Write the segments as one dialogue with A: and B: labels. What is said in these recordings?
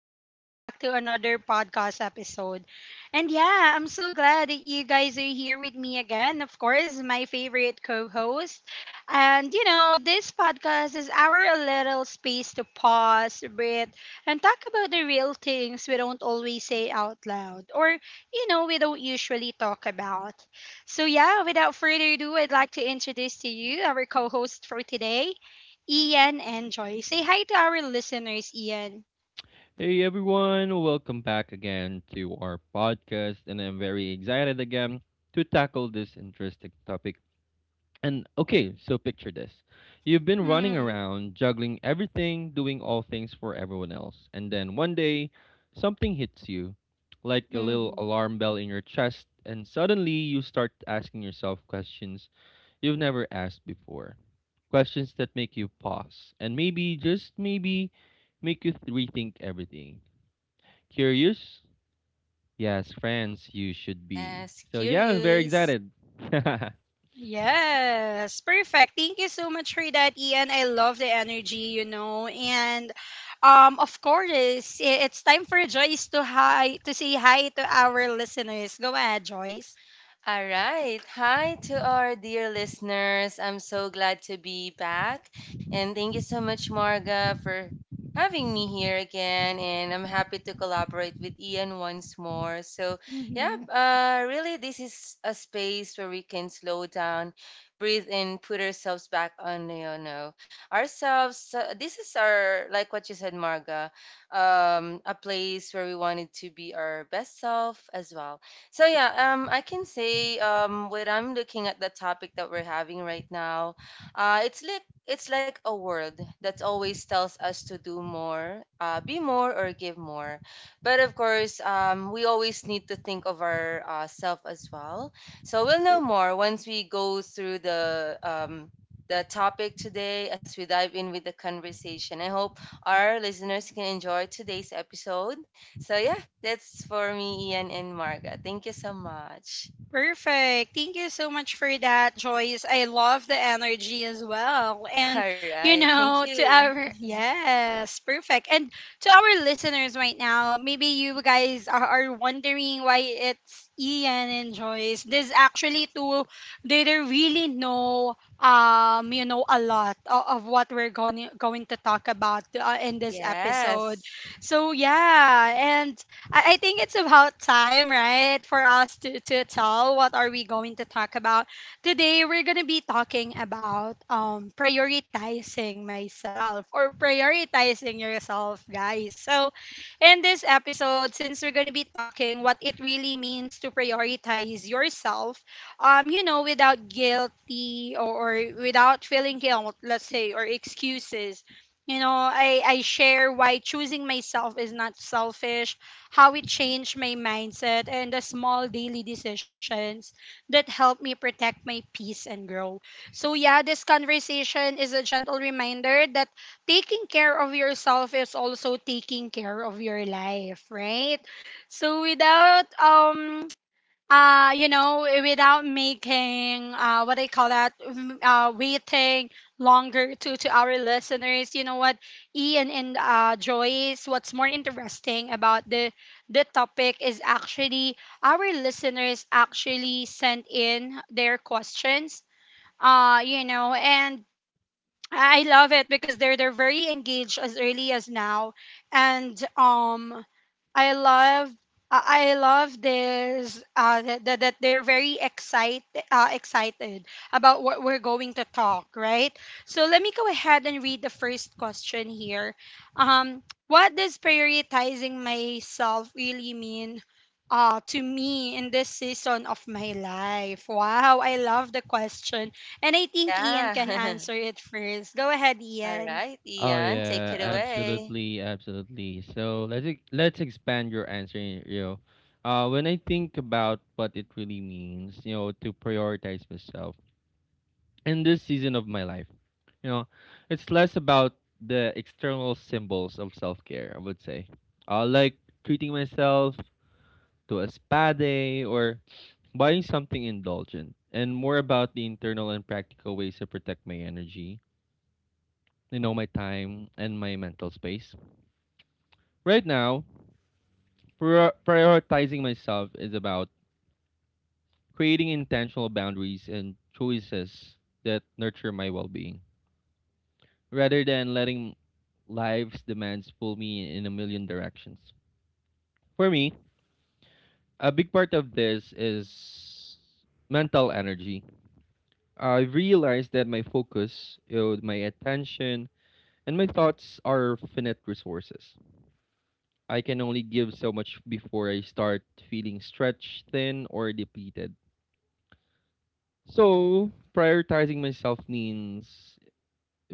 A: welcome back to another podcast episode. And yeah, I'm so glad that you guys are here with me again. Of course, my favorite co host. And you know, this podcast is our little space to pause, breathe, and talk about the real things we don't always say out loud or, you know, we don't usually talk about. So yeah, without further ado, I'd like to introduce to you our co host for today. Ian and Joy. Say hi to our listeners, Ian.
B: Hey everyone, welcome back again to our podcast, and I'm very excited again to tackle this interesting topic. So picture this. You've been running
A: Hmm.
B: around, juggling everything, doing all things for everyone else, and then one day something hits you like a little
A: Hmm.
B: alarm bell in your chest, and suddenly you start asking yourself questions you've never asked before. Questions that make you pause and maybe, just maybe, make you rethink everything. Curious? Yes, friends, you should be.
C: Yes,
B: So yeah, I'm very
C: curious.
B: excited.
A: Yes, perfect. Thank you so much for that, Ian. I love the energy, you know. And of course, it's time for Joyce to hi to say hi to our listeners. Go ahead, Joyce.
C: All right. Hi to our dear listeners. I'm so glad to be back. And thank you so much, Marga, for having me here again. And I'm happy to collaborate with Ian once more. So, yeah,
A: Hmm.
C: really, this is a space where we can slow down, breathe, and put ourselves back on, ourselves. This is our, like what you said, Marga, a place where we wanted to be our best self as well. So yeah, I can say when I'm looking at the topic that we're having right now, it's like a world that always tells us to do more, be more, or give more. But of course, we always need to think of our self as well. So we'll know more once we go through the the topic today as we dive in with the conversation. I hope our listeners can enjoy today's episode. So yeah, that's for me, Ian and Marga. Thank you so much.
A: Perfect. Thank you so much for that, Joyce. I love the energy as well. And,
C: All
A: you
C: right. Thank
A: know, to
C: you.
A: our, yes, perfect. And to our listeners right now, maybe you guys are, wondering why it's Ian and Joyce. This actually two, they don't really know, you know, a lot of what we're going to talk about in this episode.
C: Yes.
A: So, yeah. And I think it's about time, right, for us to tell what are we going to talk about. Today we're gonna be talking about prioritizing myself or prioritizing yourself, guys. So in this episode, since we're gonna be talking what it really means to prioritize yourself, you know, without guilty or without feeling guilt, let's say, or excuses. You know, I share why choosing myself is not selfish, how it changed my mindset and the small daily decisions that help me protect my peace and grow. So, yeah, this conversation is a gentle reminder that taking care of yourself is also taking care of your life, right? So, without you know, without making what I call that waiting longer to our listeners, you know what, Ian and Joyce, what's more interesting about the topic is actually our listeners actually sent in their questions, you know. And I love it because they're very engaged as early as now, and I love, I love this that they're very excited, excited about what we're going to talk, right. So let me go ahead and read the first question here. Um, what does prioritizing myself really mean? To me in this season of my life. Wow, I love the question, and I think Ian can
C: Yeah.
A: answer it first. Go ahead,
C: All
A: Ian.
C: right,
B: Oh
C: Ian, take it
B: yeah,
C: away.
B: absolutely, absolutely. So let's expand your answer, you know. When I think about what it really means, you know, to prioritize myself in this season of my life, you know, it's less about the external symbols of self care. I would say, like treating myself to a spa day or buying something indulgent, and more about the internal and practical ways to protect my energy, you know, my time and my mental space. Right now, prioritizing myself is about creating intentional boundaries and choices that nurture my well-being rather than letting life's demands pull me in a million directions. For me, a big part of this is mental energy. I realized that my focus, you know, my attention, and my thoughts are finite resources. I can only give so much before I start feeling stretched thin or depleted. So, prioritizing myself means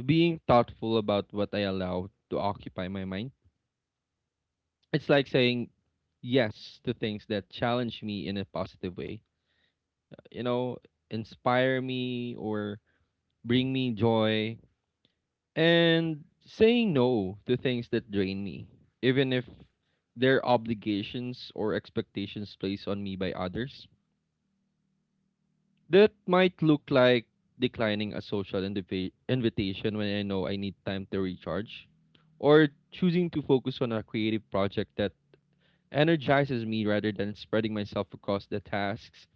B: being thoughtful about what I allow to occupy my mind. It's like saying yes to things that challenge me in a positive way, you know, inspire me or bring me joy, and saying no to things that drain me, even if they're obligations or expectations placed on me by others. That might look like declining a social invitation when I know I need time to recharge, or choosing to focus on a creative project that energizes me rather than spreading myself across the tasks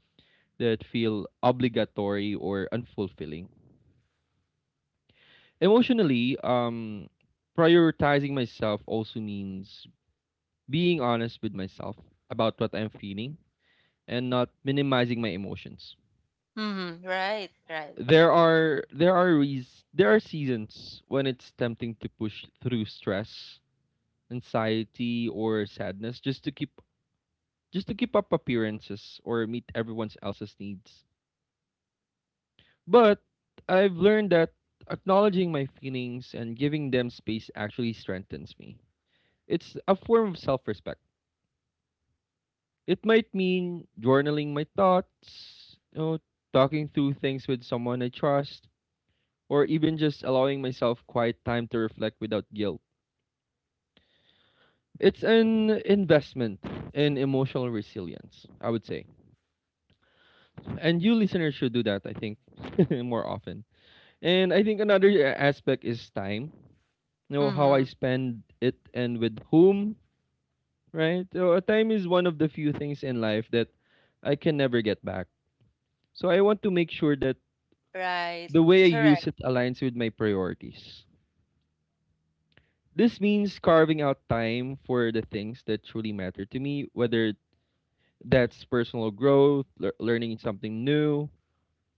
B: that feel obligatory or unfulfilling. Emotionally, prioritizing myself also means being honest with myself about what I'm feeling and not minimizing my emotions.
C: Mm-hmm. Right, right.
B: There are seasons when it's tempting to push through stress, anxiety, or sadness just to keep up appearances or meet everyone else's needs. But I've learned that acknowledging my feelings and giving them space actually strengthens me. It's a form of self-respect. It might mean journaling my thoughts, you know, talking through things with someone I trust, or even just allowing myself quiet time to reflect without guilt. It's an investment in emotional resilience, I would say. And you listeners should do that, I think, more often. And I think another aspect is time. You know, how I
C: Mm-hmm.
B: spend it and with whom, right? So, time is one of the few things in life that I can never get back. So I want to make sure that
C: Right.
B: the way I
C: Correct.
B: use it aligns with my priorities. This means carving out time for the things that truly matter to me, whether that's personal growth, learning something new,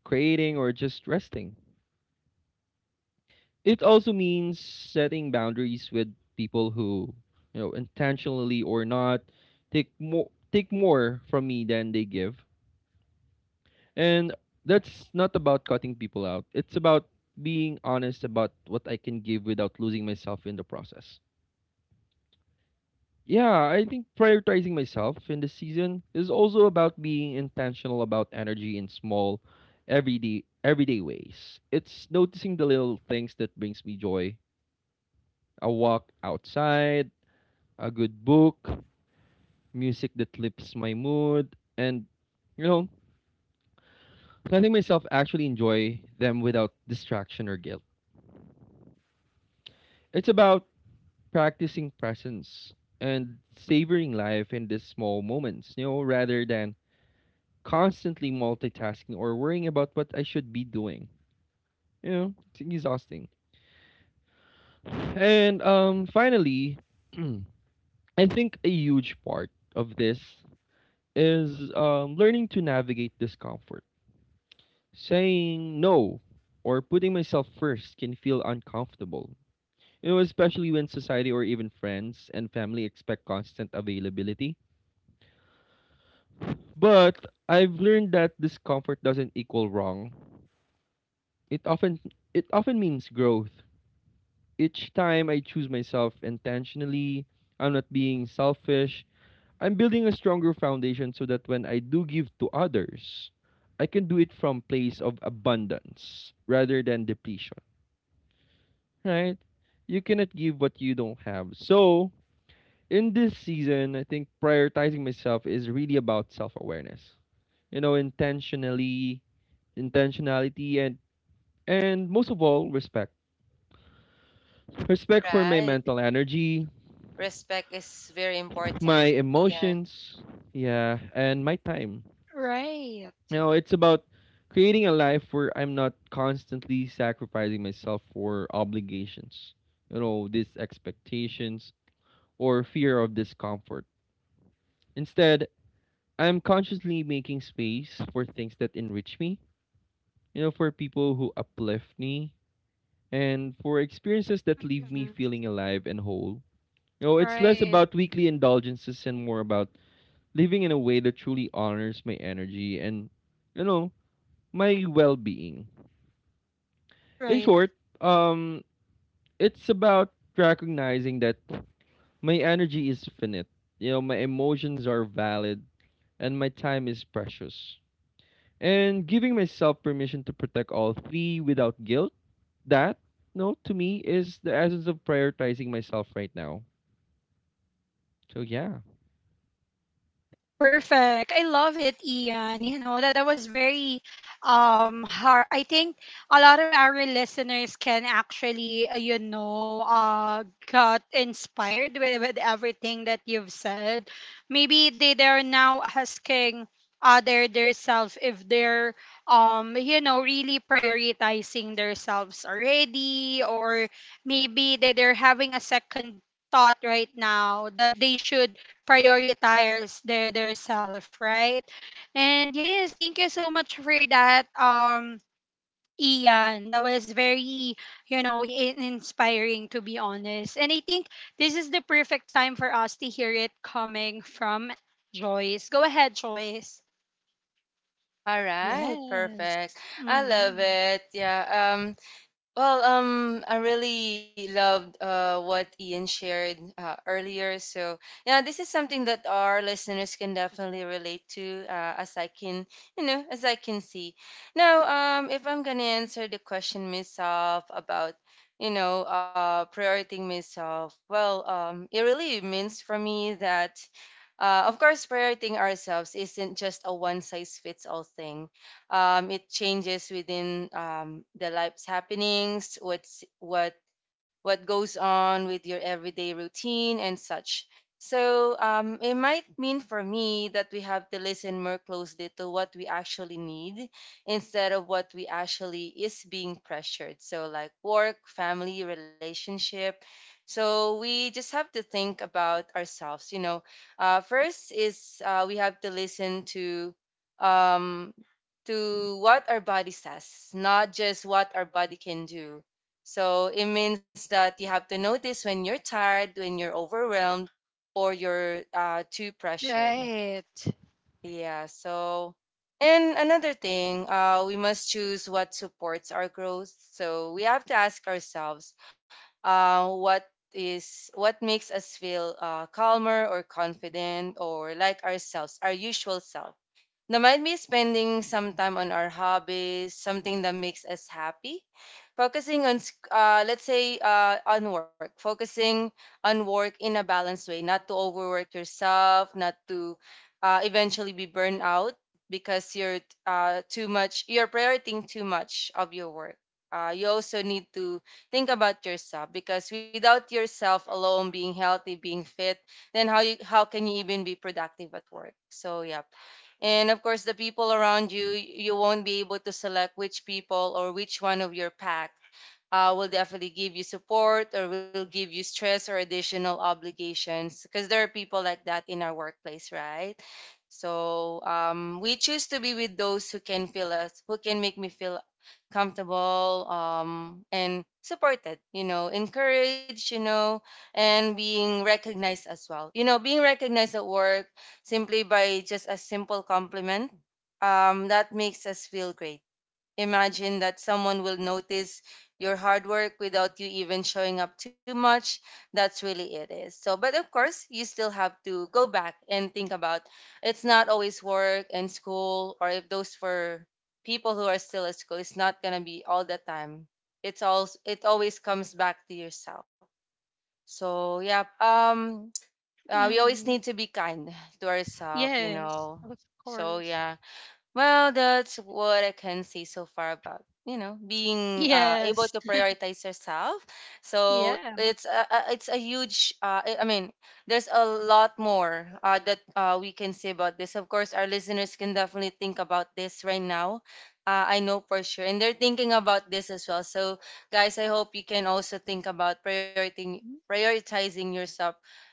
B: creating, or just resting. It also means setting boundaries with people who, you know, intentionally or not, take more from me than they give. And that's not about cutting people out. It's about being honest about what I can give without losing myself in the process. Yeah, I think prioritizing myself in this season is also about being intentional about energy in small, everyday ways. It's noticing the little things that brings me joy. A walk outside, a good book, music that lifts my mood, and you know, letting myself actually enjoy them without distraction or guilt. It's about practicing presence and savoring life in these small moments, you know, rather than constantly multitasking or worrying about what I should be doing. You know, it's exhausting. And finally, I think a huge part of this is learning to navigate discomfort. Saying no or putting myself first can feel uncomfortable. You know, especially when society or even friends and family expect constant availability. But I've learned that discomfort doesn't equal wrong. It often means growth. Each time I choose myself intentionally, I'm not being selfish. I'm building a stronger foundation so that when I do give to others, I can do it from place of abundance rather than depletion, right? You cannot give what you don't have. So, in this season, I think prioritizing myself is really about self-awareness. You know, intentionality, and most of all, respect. Respect for my
C: Right.
B: mental energy,
C: Respect is very
B: my
C: important, Ian.
B: emotions, yeah, and my time.
A: Right.
B: You know, it's about creating a life where I'm not constantly sacrificing myself for obligations, you know, these expectations or fear of discomfort. Instead, I'm consciously making space for things that enrich me, you know, for people who uplift me, and for experiences that leave me
A: Mhm.
B: feeling alive and whole. You know, it's less
A: Right.
B: about weekly indulgences and more about living in a way that truly honors my energy and, you know, my well being. In
A: Right.
B: short, um, it's about recognizing that my energy is finite, you know, my emotions are valid, and my time is precious. And giving myself permission to protect all three without guilt, that, no, to me, is the essence of prioritizing myself right now. So, yeah.
A: Perfect. I love it, Ian. You know, that was very hard. I think a lot of our listeners can actually, you know, got inspired with everything that you've said. Maybe they're now asking other their self if they're you know, really prioritizing themselves already, or maybe that they're having a second thought right now that they should prioritize their self, right? And yes, thank you so much for that, Ian. That was very, you know, inspiring to be honest. And I think this is the perfect time for us to hear it coming from Joyce. Go ahead, Joyce.
C: All right,
A: Yes.
C: perfect. I love
A: Mm-hmm.
C: it. Yeah. Well, I really loved what Ian shared earlier. So, yeah, this is something that our listeners can definitely relate to, as I can, as I can see. Now, if I'm gonna answer the question myself about, you know, prioritizing myself, well, it really means for me that. Of course, prioritizing ourselves isn't just a one size fits all thing. It changes within the life's happenings, what goes on with your everyday routine and such. So it might mean for me that we have to listen more closely to what we actually need instead of what we actually is being pressured. So like work, family, relationship. So we just have to think about ourselves, you know, first is we have to listen um, to what our body says, not just what our body can do. So it means that you have to notice when you're tired, when you're overwhelmed, or you're too pressured.
A: Right.
C: Yeah, so and another thing, we must choose what supports our growth. So we have to ask ourselves, what is what makes us feel calmer or confident or like ourselves, our usual self. Now, maybe spending some time on our hobbies, something that makes us happy. Focusing on, let's say, on work. Focusing on work in a balanced way, not to overwork yourself, not to eventually be burned out because you're too much, you're prioritizing too much of your work. You also need to think about yourself because without yourself alone being healthy, being fit, then how can you even be productive at work? So yeah, and of course the people around you, you won't be able to select which people or which one of your pack will definitely give you support or will give you stress or additional obligations, because there are people like that in our workplace, right? So we choose to be with those who can feel us, who can make me feel comfortable and supported, you know, encouraged, you know, and being recognized as well, you know, being recognized at work simply by just a simple compliment, that makes us feel great. Imagine that someone will notice your hard work without you even showing up too much. That's really it is. So, but of course, you still have to go back and think about it's not always work and school, or if those for people who are still at school, it's not gonna be all the time. It always comes back to yourself. So yeah, we always
A: Mm-hmm.
C: need to be kind to ourselves, you
A: Yes,
C: know.
A: of
C: So
A: course.
C: yeah, well, that's what I can say so far about, you know, being able
A: Yes.
C: to prioritize yourself. So
A: Yeah.
C: it's it's a huge. I mean, there's a lot more that we can say about this. Of course, our listeners can definitely think about this right now. I know for sure, and they're thinking about this as well. So guys, I hope you can also think about prioritizing yourself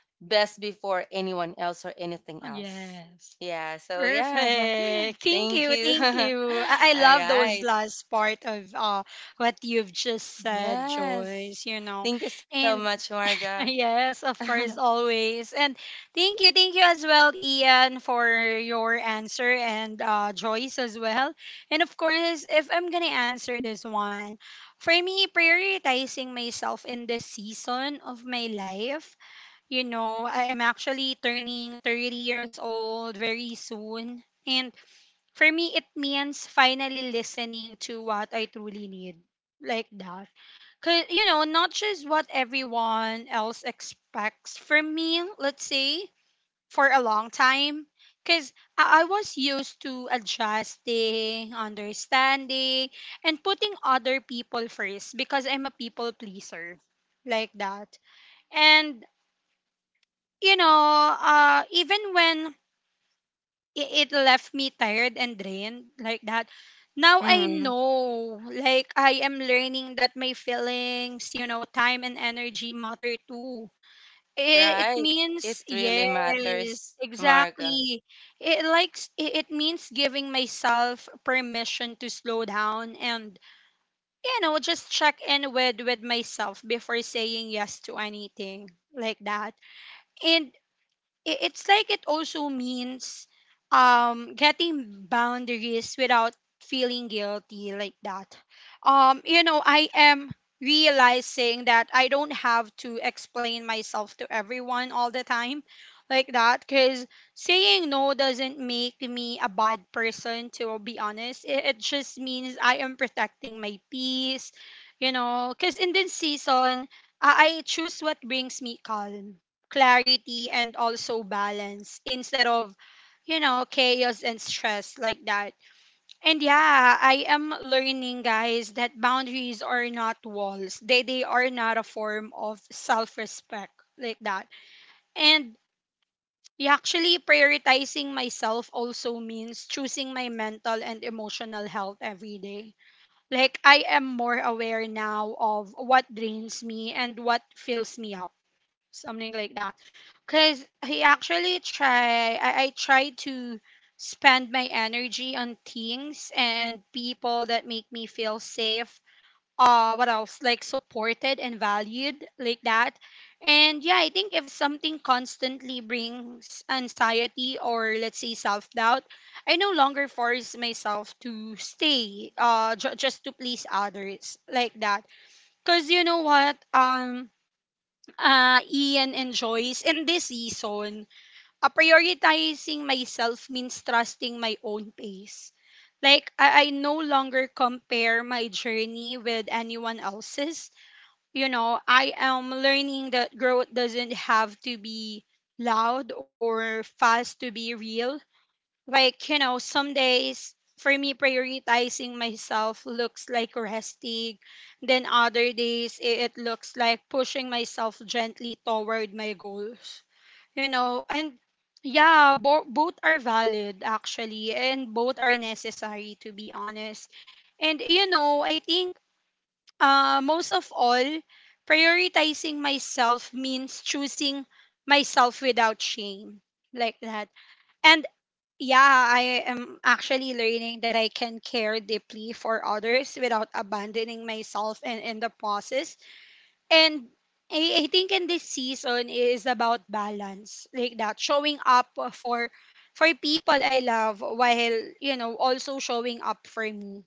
C: best before anyone else or anything else.
A: Yes.
C: Yeah, so yeah.
A: Perfect. Thank
C: Thank
A: you.
C: you.
A: Thank
C: All
A: you. I love those
C: right.
A: last part of what you've just said,
C: Yes.
A: Joyce, you know.
C: Thank you so much,
A: And
C: Marga.
A: yes, of course, always. And thank you as well, Ian, for your answer, and Joyce as well. And of course, if I'm gonna answer this one, for me, prioritizing myself in this season of my life, you know, I am actually turning 30 years old very soon. And for me, it means finally listening to what I truly need. Like that. Cause, you know, not just what everyone else expects from me, let's say, for a long time. Because I was used to adjusting, understanding, and putting other people first because I'm a people pleaser. Like that. And you know, even when it left me tired and drained like that, now I
C: hmm
A: know, like, I am learning that my feelings, you know, time and energy matter too. It
C: Right. It
A: means,
C: really
A: yes,
C: matters, Marga.
A: exactly. It likes, it means giving myself permission to slow down and, you know, just check in with myself before saying yes to anything like that. And it's like it also means getting boundaries without feeling guilty like that. You know, I am realizing that I don't have to explain myself to everyone all the time like that, because saying no doesn't make me a bad person to be honest. It just means I am protecting my peace, you know, because in this season, I choose what brings me calm, clarity and also balance, instead of, you know, chaos and stress like that. And yeah, I am learning, guys, that boundaries are not walls. They are not a form of self-respect like that. And yeah, actually prioritizing myself also means choosing my mental and emotional health every day. Like, I am more aware now of what drains me and what fills me up, something like that, because I actually try, I try to spend my energy on things and people that make me feel safe, what else, like supported and valued like that. And yeah, I think if something constantly brings anxiety, or let's say self-doubt, I no longer force myself to stay, just to please others like that. Because you know what, Ian enjoys. And this season, prioritizing myself means trusting my own pace. Like, I no longer compare my journey with anyone else's. You know, I am learning that growth doesn't have to be loud or fast to be real. Like, you know, some days for me, prioritizing myself looks like resting. Then other days, it looks like pushing myself gently toward my goals. You know, and yeah, both are valid actually, and both are necessary to be honest. And you know, I think, most of all, prioritizing myself means choosing myself without shame, like that. And yeah, I am actually learning that I can care deeply for others without abandoning myself and in the process. And I think in this season is about balance, like that, showing up for people I love, while you know also showing up for me.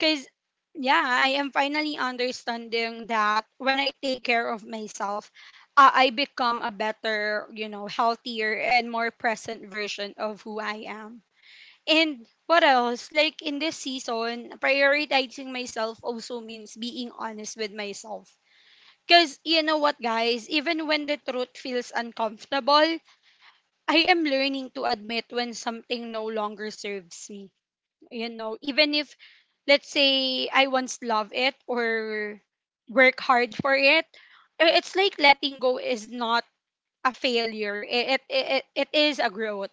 A: Cause yeah, I am finally understanding that when I take care of myself, I become a better, you know, healthier and more present version of who I am. And what else? Like in this season, prioritizing myself also means being honest with myself. Because you know what, guys, even when the truth feels uncomfortable, I am learning to admit when something no longer serves me. You know, even if, let's say, I once loved it or work hard for it, it's like letting go is not a failure. It is a growth.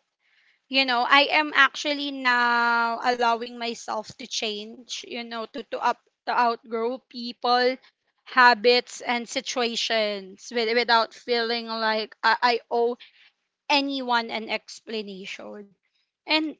A: You know, I am actually now allowing myself to change, you know, to outgrow people, habits and situations without feeling like I owe anyone an explanation. And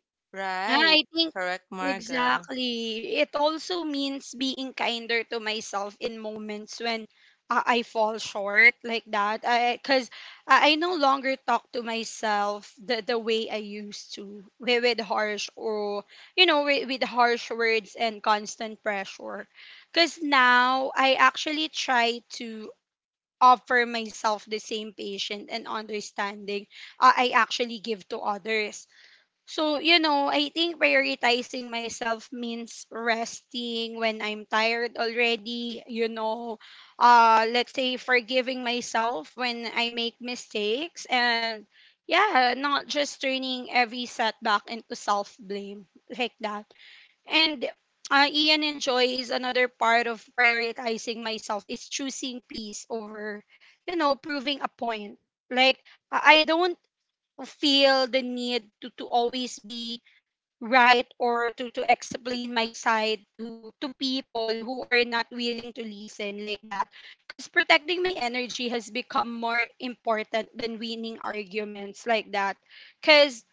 A: ah,
C: Right.
A: I think
C: Correct, Marga.
A: exactly. It also means being kinder to myself in moments when I fall short like that. I because I no longer talk to myself the way I used to with harsh, or you know with harsh words and constant pressure. Because now I actually try to offer myself the same patience and understanding I actually give to others. So, you know, I think prioritizing myself means resting when I'm tired already, you know, let's say forgiving myself when I make mistakes, and yeah, not just turning every setback into self-blame like that. And Ian enjoys another part of prioritizing myself is choosing peace over, you know, proving a point. Like I don't feel the need to always be right, or to explain my side to people who are not willing to listen like that. Because protecting my energy has become more important than winning arguments like that. Because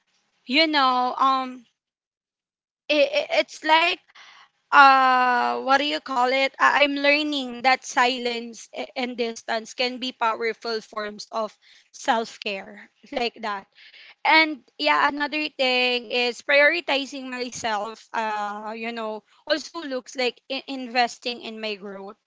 A: you know, um, it, it's like what do you call it, I, I'm learning that silence and distance can be powerful forms of self-care like that. And yeah, another thing is prioritizing myself. You know, also looks like investing in my growth,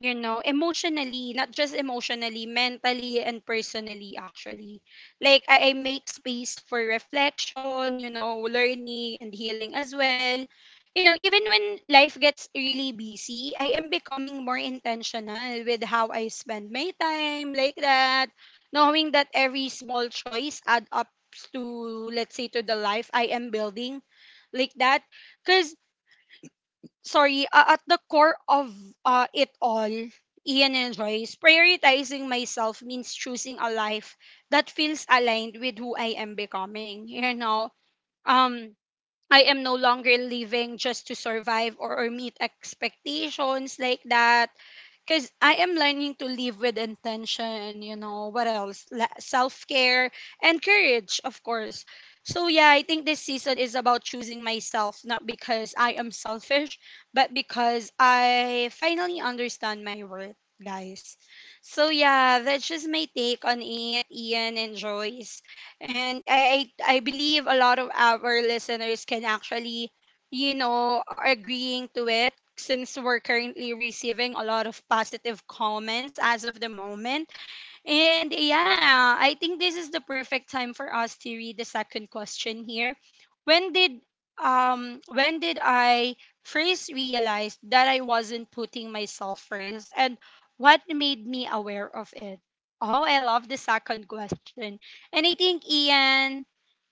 A: you know, emotionally, not just emotionally, mentally and personally, actually. Like, I make space for reflection, you know, learning and healing as well. You know, even when life gets really busy, I am becoming more intentional with how I spend my time, like that, knowing that every small choice add up to, let's say, to the life I am building, like that. because at the core of it all, Ian and Joyce, prioritizing myself means choosing a life that feels aligned with who I am becoming. Um, I am no longer living just to survive or meet expectations, like that, because I am learning to live with intention. You know, what else? Self care and courage, of course. So, yeah, I think this season is about choosing myself, not because I am selfish, but because I finally understand my worth, guys. So, yeah, that's just my take on it, Ian and Joyce. And I believe a lot of our listeners can actually, you know, are agreeing to it, since we're currently receiving a lot of positive comments as of the moment. And yeah, I think this is the perfect time for us to read the second question here. When did I first realize that I wasn't putting myself first, and what made me aware of it? Oh, I love the second question. And I think Ian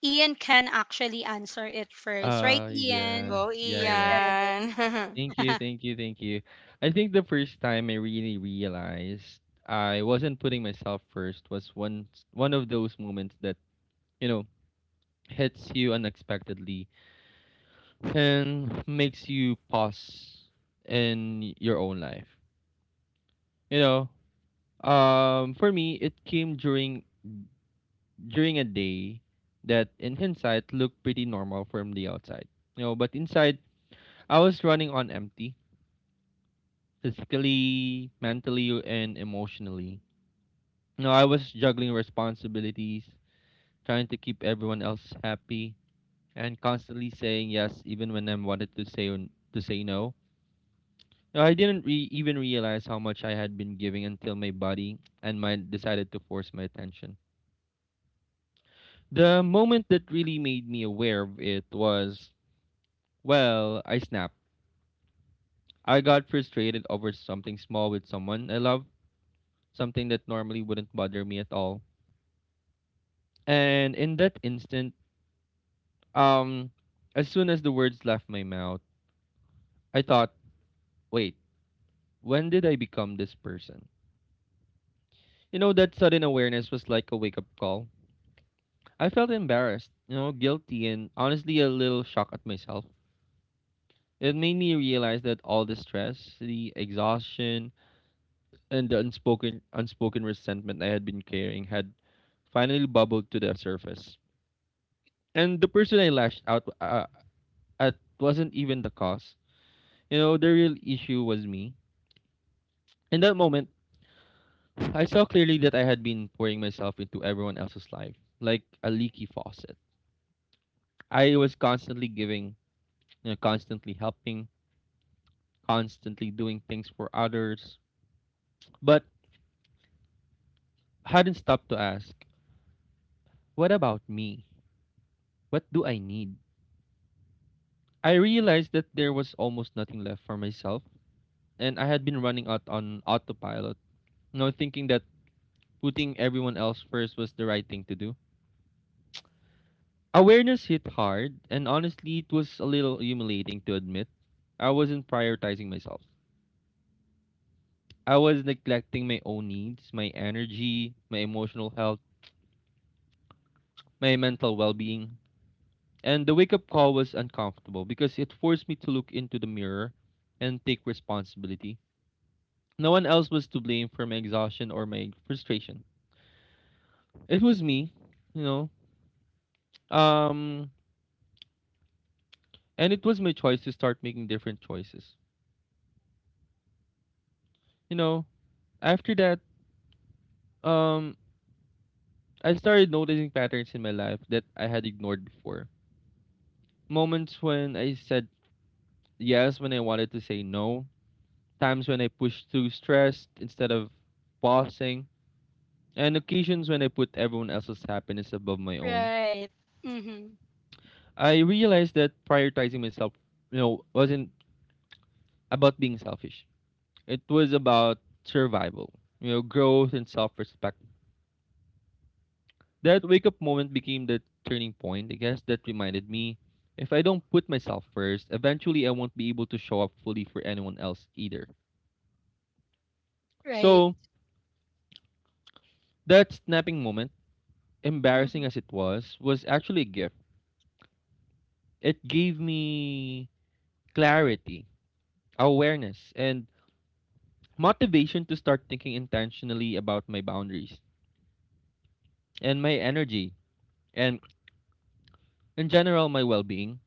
A: Ian can actually answer it first, right, Ian?
B: Yeah,
C: Go,
B: yeah, yeah.
C: Ian.
A: Perfect.
B: Thank you, thank you, thank you. I think the first time I really realized I wasn't putting myself first was one of those moments that, you know, hits you unexpectedly and makes you pause in your own life. You know, for me it came during a day that in hindsight looked pretty normal from the outside. You know, but inside I was running on empty, physically, mentally and emotionally. No, I was juggling responsibilities, trying to keep everyone else happy, and constantly saying yes even when I wanted to say n- to say no. No, I didn't even realize how much I had been giving until my body and mind decided to force my attention. The moment that really made me aware of it was, well, I snapped. I got frustrated over something small with someone I love, something that normally wouldn't bother me at all. And in that instant, um as soon as the words left my mouth, I thought, wait, when did I become this person? You know, that sudden awareness was like a wake up call. I felt embarrassed, you know, guilty, and honestly a little shocked at myself. It made me realize that all the stress, the exhaustion, and the unspoken resentment I had been carrying had finally bubbled to the surface. And the person I lashed out at wasn't even the cause. You know, the real issue was me. In that moment, I saw clearly that I had been pouring myself into everyone else's life, like a leaky faucet. I was constantly giving, you know, constantly helping, constantly doing things for others, but hadn't stopped to ask, what about me? What do I need? I realized that there was almost nothing left for myself, and I had been running out on autopilot, you know, thinking that putting everyone else first was the right thing to do. Awareness hit hard, and honestly, it was a little humiliating to admit. I wasn't prioritizing myself. I was neglecting my own needs, my energy, my emotional health, my mental well being. And the wake up call was uncomfortable because it forced me to look into the mirror and take responsibility. No one else was to blame for my exhaustion or my frustration. It was me, you know. Um, and it was my choice to start making different choices. You know, after that, um, I started noticing patterns in my life that I had ignored before. Moments when I said yes when I wanted to say no, times when I pushed through stress instead of pausing, and occasions when I put everyone else's happiness above my own.
A: Right. Mm-hmm.
B: I realized that prioritizing myself, you know, wasn't about being selfish. It was about survival, you know, growth and self-respect. That wake up moment became the turning point, I guess, that reminded me if I don't put myself first, eventually I won't be able to show up fully for anyone else either.
A: Right.
B: So, that snapping moment, embarrassing
A: Mm-hmm.
B: as it was actually a gift. It gave me clarity, awareness, and motivation to start thinking intentionally about my boundaries and my energy and, in general, my well being.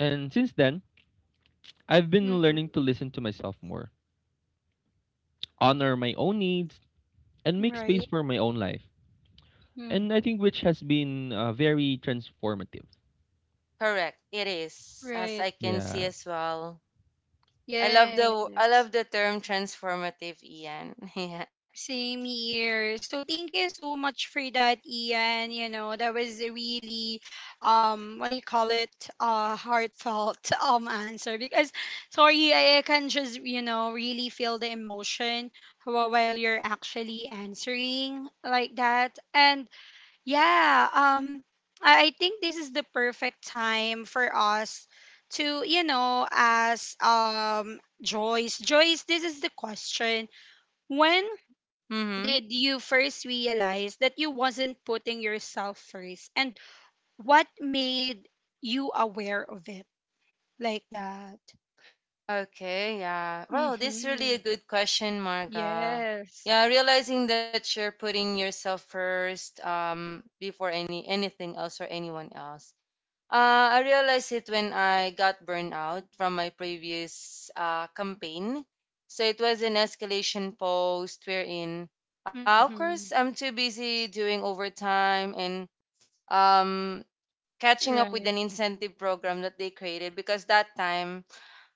B: And since then, I've been learning
A: Mm-hmm.
B: to listen to myself more, honor my own needs and make space
A: Right.
B: for my own life.
A: Mm.
B: And I think which has been very transformative.
C: Correct. It is, as
A: Right.
C: I can see
B: Yeah.
C: as well. I love the I
A: Yes.
C: love the term transformative, Ian. Yeah.
A: Same here. So thank you so much for that, Ian. You know, that was a really what do you call it? Heartfelt answer. I can just, you know, really feel the emotion while you're actually answering, like that. And yeah, I think this is the perfect time for us to, you know, ask Joyce. Joyce, this is the question. When
C: Mm-hmm.
A: did you first realize that you wasn't putting yourself first, and what made you aware of it, like that?
C: Okay, yeah. Well, this is really a
A: Mhm.
C: good question, Marga.
A: Yes.
C: Yeah, realizing that you're putting yourself first before anything else or anyone else. I realized it when I got burned out from my previous campaign. So it was an escalation post wherein, of course,
A: Mhm.
C: I'm too busy doing overtime and um catching up with an
A: Right.
C: incentive program that they created because that time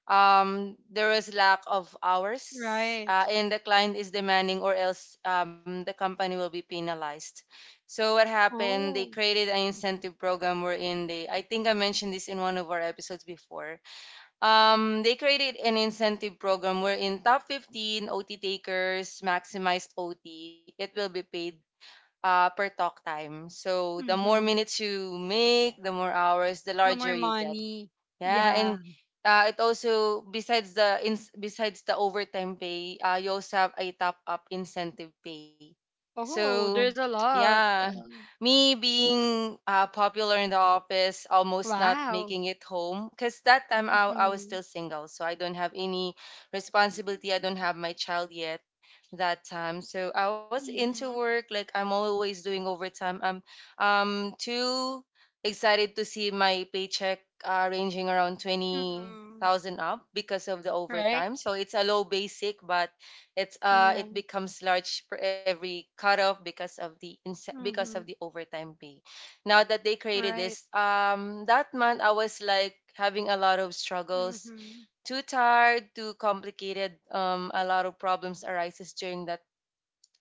C: there is lack of hours
A: Right.
C: and the client is demanding, or else the company will be penalized. So what happened, they
A: Oh.
C: created an incentive program wherein they, I think I mentioned this in one of our episodes before. They created an incentive program wherein top 15 OT takers maximized OT, it will be paid per talk time. So the more
A: Mhm.
C: minutes you make, the more hours, the
A: No
C: larger
A: more
C: you get.
A: money.
C: Yeah, and
A: Yeah.
C: it also, besides besides the overtime pay, you also have a top up incentive pay. So
A: Oh, there's a lot.
C: yeah, me being popular in the office, almost not
A: Wow.
C: making it home, because that time I was
A: Mm-hmm.
C: still single, so I don't have any responsibility. I don't have my child yet that time, so I was into
A: Mm-hmm.
C: work. Like I'm always doing overtime. I'm two excited to see my paycheck ranging around
A: Hmm.
C: 20,000 up because of the
A: Right?
C: overtime. So it's a low basic, but it's
A: Yeah.
C: it becomes large for every cutoff because of the because of the
A: Mm-hmm.
C: overtime pay. Now that they created
A: Right.
C: this, that month I was like having a lot of struggles,
A: Mm-hmm.
C: too tired, too complicated. A lot of problems arises during that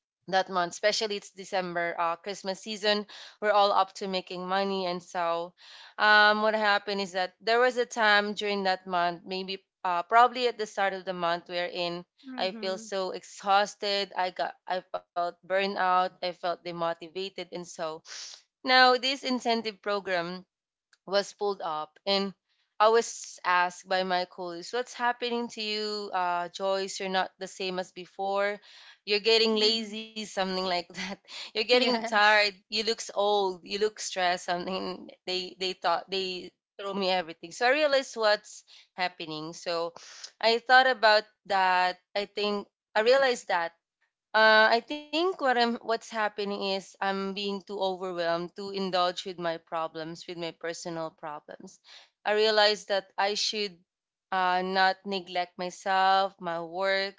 C: that month, especially it's December, Christmas season. We're all up to making money, and so, what happened is that there was a time during that month, maybe probably at the start of the month, wherein I feel
A: Mm-hmm.
C: so exhausted. I felt burnout. I felt demotivated, and so, now this incentive program was pulled up, and I was asked by my colleagues, "What's happening to you, Joyce? You're not the same as before. You're getting
A: Mm-hmm.
C: lazy," something like that. "You're getting tired.
A: Yes.
C: You look old. You look stressed," something. They thought they throw me everything. So I realized what's happening. So I thought about that. I think I realized that. I think what I'm what's happening is I'm being too overwhelmed to indulge with my problems, with my personal problems. I realized that I should not neglect myself, my work,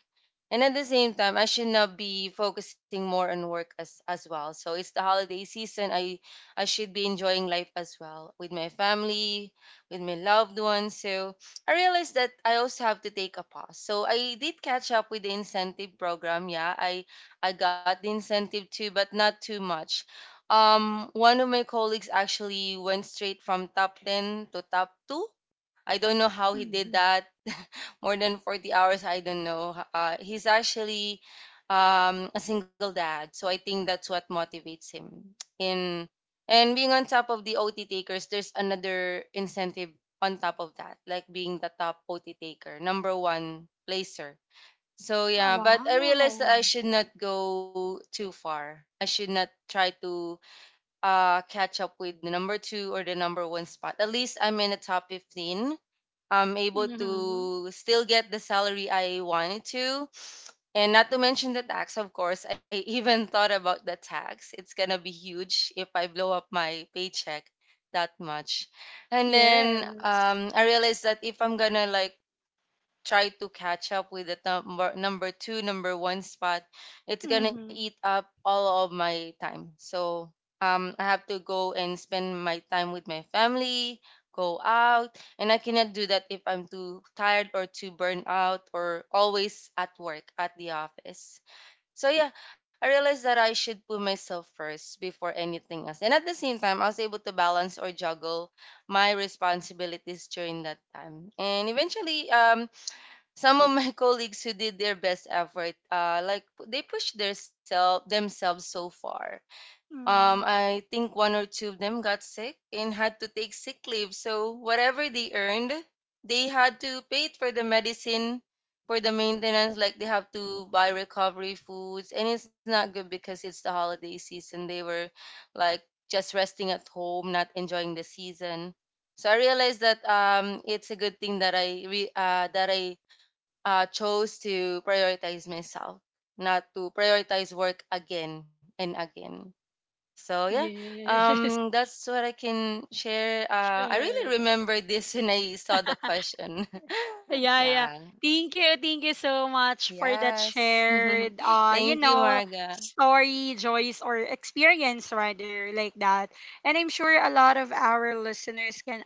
C: and at the same time, I should not be focusing more on work as well. So it's the holiday season. I should be enjoying life as well with my family, with my loved ones. So I realized that I also have to take a pause. So I did catch up with the incentive program. Yeah, I got the incentive too, but not too much. One of my colleagues actually went straight from top 10 to top 2. I don't know how he did
A: Mm-hmm.
C: that. More than 40 hours, I don't know. He's actually a single dad, so I think that's what motivates him. In and being on top of the OT takers, there's another incentive on top of that, like being the top OT taker, number one placer. So
A: Oh,
C: yeah, but I realized that
A: wow.
C: I should not go too far. I should not try to catch up with the number two or the number one spot. At least I'm in the top 15. I'm able
A: Mm-hmm.
C: to still get the salary I wanted to. And not to mention the tax, of course. I even thought about the tax. It's gonna be huge if I blow up my paycheck that much. And then
A: Yes.
C: I realized that if I'm gonna like try to catch up with the number two, number one spot, it's gonna eat
A: Mm-hmm.
C: up all of my time. So I have to go and spend my time with my family, go out, and I cannot do that if I'm too tired or too burnt out or always at work at the office. So yeah, I realized that I should put myself first before anything else. And at the same time, I was able to balance or juggle my responsibilities during that time. And eventually, some of my colleagues who did their best effort like they pushed their self themselves so far.
A: Mm-hmm.
C: I think one or two of them got sick and had to take sick leave. So whatever they earned, they had to pay it for the medicine, for the maintenance. Like, they have to buy recovery foods, and it's not good because it's the holiday season. They were like just resting at home, not enjoying the season. So I realized that, it's a good thing that I re that I chose to prioritize myself, not to prioritize work again and again. So yeah,
A: Yes.
C: that's what I can share. I
A: Sure.
C: really remember this when I saw the question.
A: Yeah, yeah.
C: Yeah.
A: Thank you. Thank you so much for that
C: Yes.
A: shared you
C: Thank you,
A: know,
C: Marga.
A: story, joys, or experience rather, like that. And I'm sure a lot of our listeners can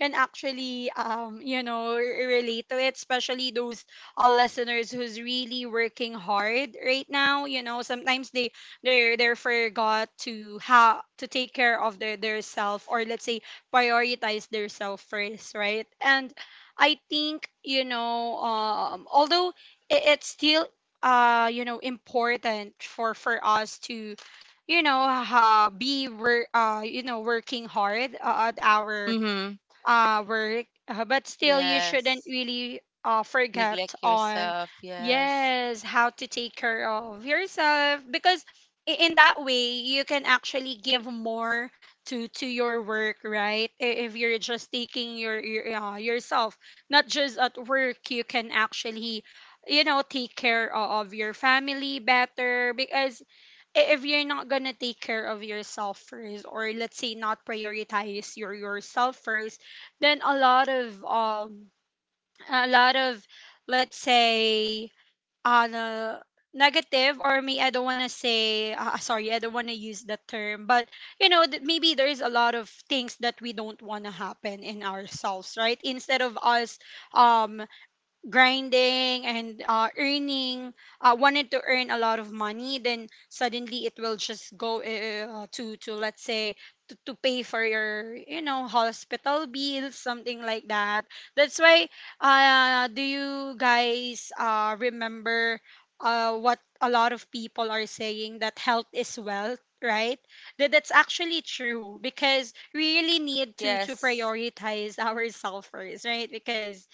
A: actually, you know, relate to it, especially those all listeners who's really working hard right now. You know, sometimes they they're forgot to how to take care of their self, or, let's say, prioritize their self first, right? And I think, you know, although it's still, you know, important for us to, you know, be work you know, working hard, at our
C: Mm-hmm.
A: work, but still you shouldn't
C: Yes.
A: really, forget
C: Neglect
A: on,
C: yourself. Yes.
A: yes, how to take care of yourself. Because in that way, you can actually give more to your work, right? If you're just taking your yourself, not just at work, you can actually, you know, take care of your family better. Because if you're not gonna take care of yourself first, or, let's say, not prioritize yourself first, then a lot of a lot of let's say, uh negative, or me, I don't want to say, sorry, I don't want to use the term, but you know that maybe there is a lot of things that we don't want to happen in ourselves, right? Instead of us, um grinding and, earning, wanted to earn a lot of money, then suddenly it will just go, to, let's say, to pay for your, you know, hospital bills, something like that. That's why, do you guys, remember, what a lot of people are saying, that health is wealth, right? That that's actually true, because we really need to
C: Yes.
A: prioritize ourselves first, right? Because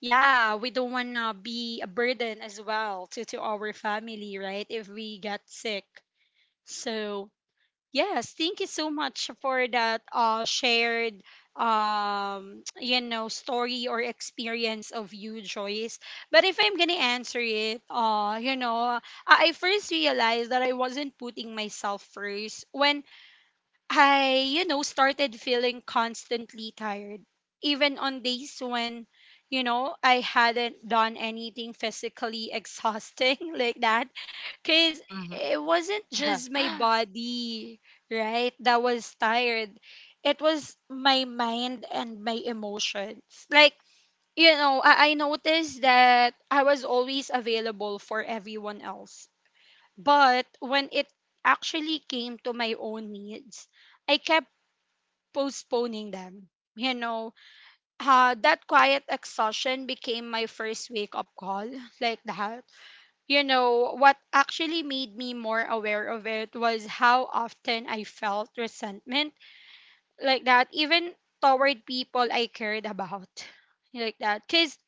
A: yeah, we don't want to be a burden as well to our family, right, if we get sick. So yes, thank you so much for that shared, you know, story or experience of you, Joyce. But if I'm gonna answer it, you know, I first realized that I wasn't putting myself first when I, you know, started feeling constantly tired, even on days when, you know, I hadn't done anything physically exhausting, like that. Because
C: Mm-hmm.
A: it wasn't just my body, right, that was tired, it was my mind and my emotions. Like, you know, I noticed that I was always available for everyone else. But when it actually came to my own needs, I kept postponing them. You know, that quiet exhaustion became my first wake up call, like that. You know, what actually made me more aware of it was how often I felt resentment, like that, even toward people I cared about, like that. Because,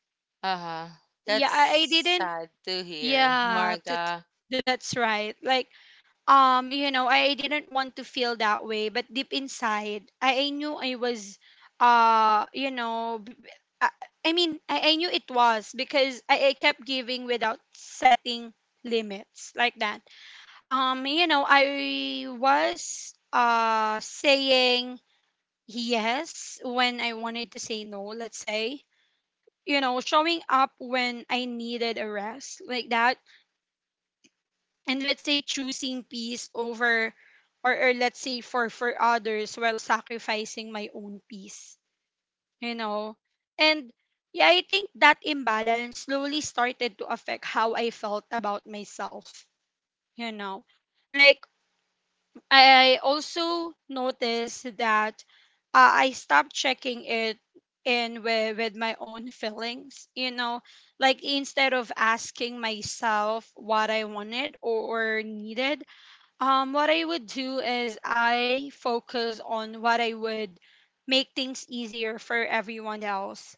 C: Uh-huh.
A: yeah,
C: That's
A: I didn't,
C: sad to hear,
A: yeah, t-
C: Marga.
A: t- that's right. Like, you know, I didn't want to feel that way, but deep inside I knew I was, uh you know b- b- i, I mean, I knew it was because I kept giving without setting limits, like that. You know, I was, saying yes when I wanted to say no, let's say, you know, showing up when I needed a rest, like that, and, let's say, choosing peace over, or let's say, for others while sacrificing my own peace, you know. And yeah, I think that imbalance slowly started to affect how I felt about myself, you know. Like, I also noticed that, I stopped checking it in with my own feelings, you know, like, instead of asking myself what I wanted or needed. What I would do is I focus on what I would make things easier for everyone else.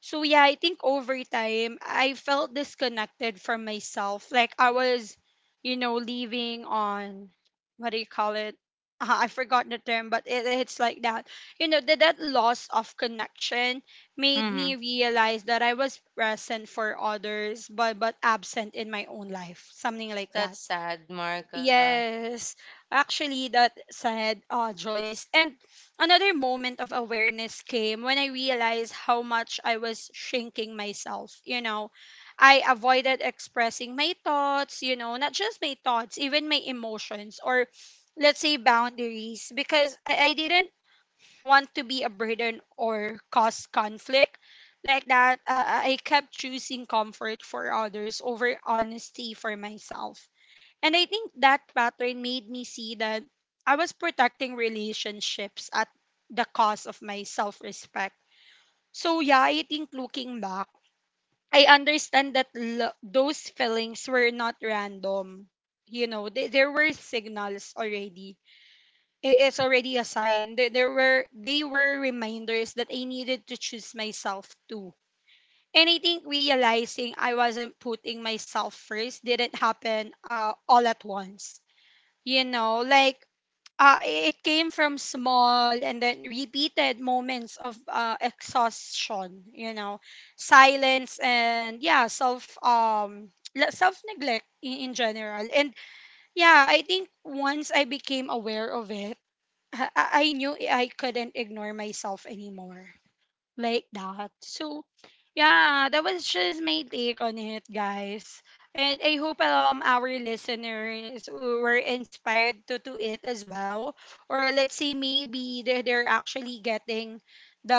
A: So yeah, I think over time I felt disconnected from myself. Like I was, you know, leaving on, what do you call it? I forgot the term, but it's like that. You know, that that loss of connection made me
C: Mm-hmm.
A: realize that I was present for others, but absent in my own life, something like that.
C: That's sad, Marga.
A: Yes, actually, that said, Joyce. And another moment of awareness came when I realized how much I was shrinking myself. You know, I avoided expressing my thoughts, you know, not just my thoughts, even my emotions, or let's say boundaries, because I didn't want to be a burden or cause conflict, like that. I kept choosing comfort for others over honesty for myself, and I think that pattern made me see that I was protecting relationships at the cost of my self respect. So, yeah, I think looking back, I understand that those feelings were not random. You know, they, there were signals already. It's already a sign. There were, they were reminders that I needed to choose myself too. And I think realizing I wasn't putting myself first didn't happen all at once. You know, like, uh, it came from small and then repeated moments of exhaustion, you know, silence, and yeah, self, self neglect in general. And yeah, I think once I became aware of it, I knew I couldn't ignore myself anymore, like that. So, yeah, that was just my take on it, guys. And I hope our listeners were inspired to do it as well. Or, let's say, maybe they're actually getting the,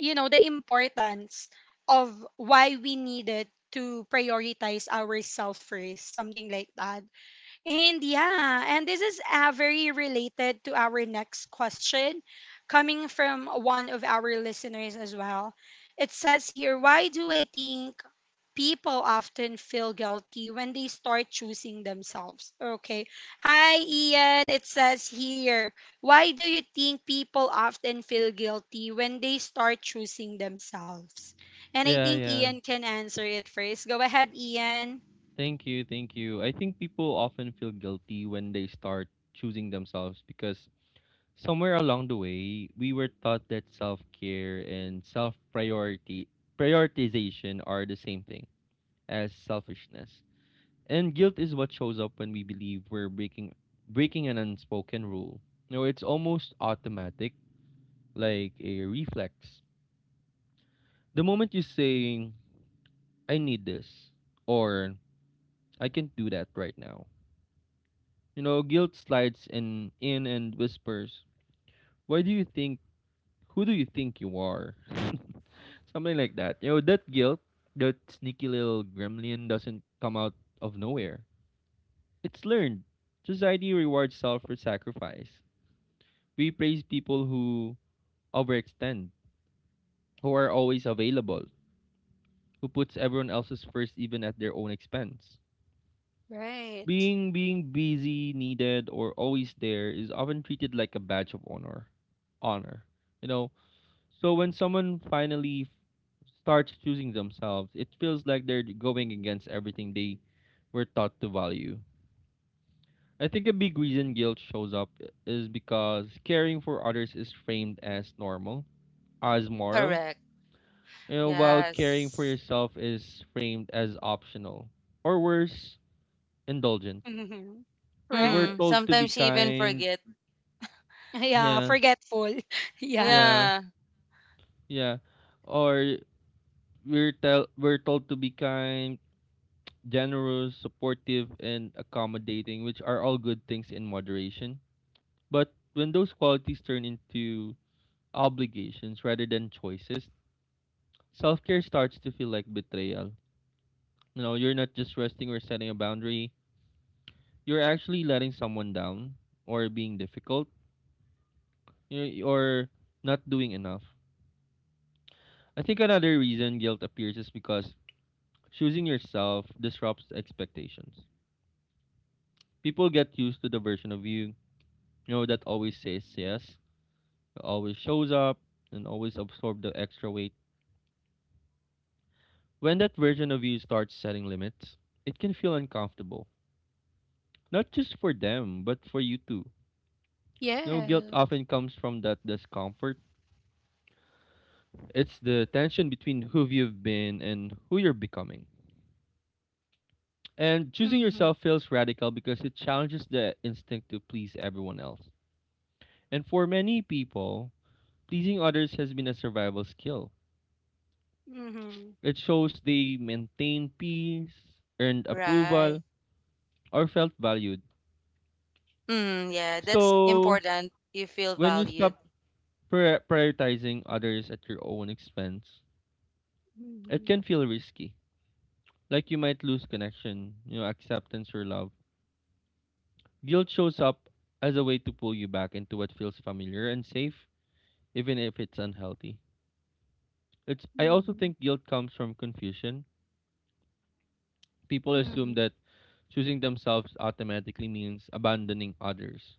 A: you know, the importance of why we needed to prioritize ourselves first, something like that. And yeah, and this is very related to our next question, coming from one of our listeners as well. It says here, why do I think people often feel guilty when they start choosing themselves? Okay. Hi, Ian. It says here, why do you think people often feel guilty when they start choosing themselves? And I
B: Yeah,
A: think
B: yeah.
A: Ian can answer it first. Go ahead, Ian.
B: Thank you, thank you. I think people often feel guilty when they start choosing themselves because somewhere along the way, we were taught that self-care and self-priority prioritization are the same thing as selfishness. And guilt is what shows up when we believe we're breaking an unspoken rule. You know, it's almost automatic, like a reflex the moment you say, "I need this," or "I can't do that right now," you know, guilt slides in and whispers, "Why do you think, who do you think you are?" Something like that. You know, that guilt, that sneaky little gremlin doesn't come out of nowhere. It's learned. Society rewards self for sacrifice. We praise people who overextend, who are always available, who puts everyone else's first even at their own expense.
A: Right.
B: Being busy, needed, or always there is often treated like a badge of honor. Honor. You know, so when someone finally starts choosing themselves, it feels like they're going against everything they were taught to value. I think a big reason guilt shows up is because caring for others is framed as normal, as moral,
C: Correct.
B: you know, while caring for
C: Yes.
B: yourself is framed as optional, or worse, indulgent.
A: Mhm.
B: We're
A: Right.
B: told
C: Sometimes
B: to
C: she
B: be
C: even forget.
B: kind,
A: Yeah,
B: yeah.
A: forgetful. Yeah.
B: Yeah,
C: Yeah,
B: yeah. Or we're told to be kind, generous, supportive, and accommodating, which are all good things in moderation. But when those qualities turn into obligations rather than choices, self-care starts to feel like betrayal. You know, you're not just resting or setting a boundary. You're actually letting someone down or being difficult, you know, or not doing enough. I think another reason guilt appears is because choosing yourself disrupts expectations. People get used to the version of you, you know, that always says yes, always shows up, and always absorbs the extra weight. When that version of you starts setting limits, it can feel uncomfortable. Not just for them, but for you too. You know, guilt
A: Yeah.
B: often comes from that discomfort. It's the tension between who you've been and who you're becoming. And choosing
A: Mm-hmm.
B: yourself feels radical because it challenges the instinct to please everyone else. And for many people, pleasing others has been a survival skill.
A: Mm-hmm.
B: It shows they maintained peace, earned
C: right.
B: approval, or felt valued.
C: Mm, yeah, that's
B: So,
C: important. You feel
B: when you
C: valued.
B: stop prioritizing others at your own expense, it can
A: Mm-hmm.
B: feel risky. Like you might lose connection, you know, acceptance or love. Guilt shows up as a way to pull you back into what feels familiar and safe, even if it's unhealthy. It's I also
A: Mm-hmm.
B: think guilt comes from confusion. People
A: Mm-hmm.
B: assume that choosing themselves automatically means abandoning others.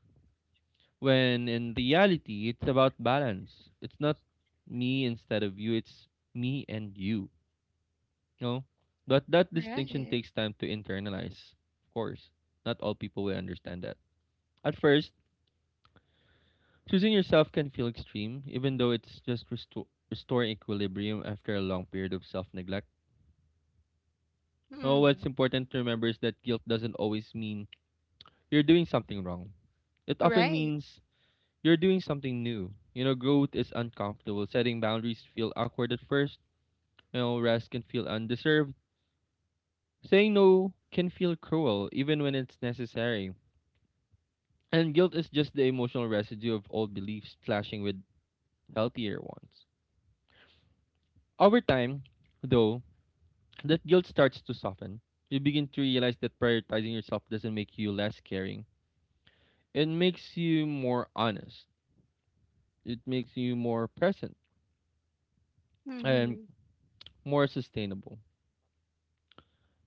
B: When in reality, it's about balance. It's not me instead of you, it's me and you. You know? But that distinction
A: Right.
B: takes time to internalize, of course. Not all people will understand that. At first, choosing yourself can feel extreme, even though it's just restoring equilibrium after a long period of self neglect. No, what's
A: Mm-hmm.
B: important to remember is that guilt doesn't always mean you're doing something wrong. It often
A: Right.
B: means you're doing something new. You know, growth is uncomfortable. Setting boundaries feel awkward at first. You know, rest can feel undeserved. Saying no can feel cruel, even when it's necessary. And guilt is just the emotional residue of old beliefs clashing with healthier ones. Over time, though, that guilt starts to soften. You begin to realize that prioritizing yourself doesn't make you less caring. It makes you more honest. It makes you more present. And
A: Mm-hmm.
B: more sustainable.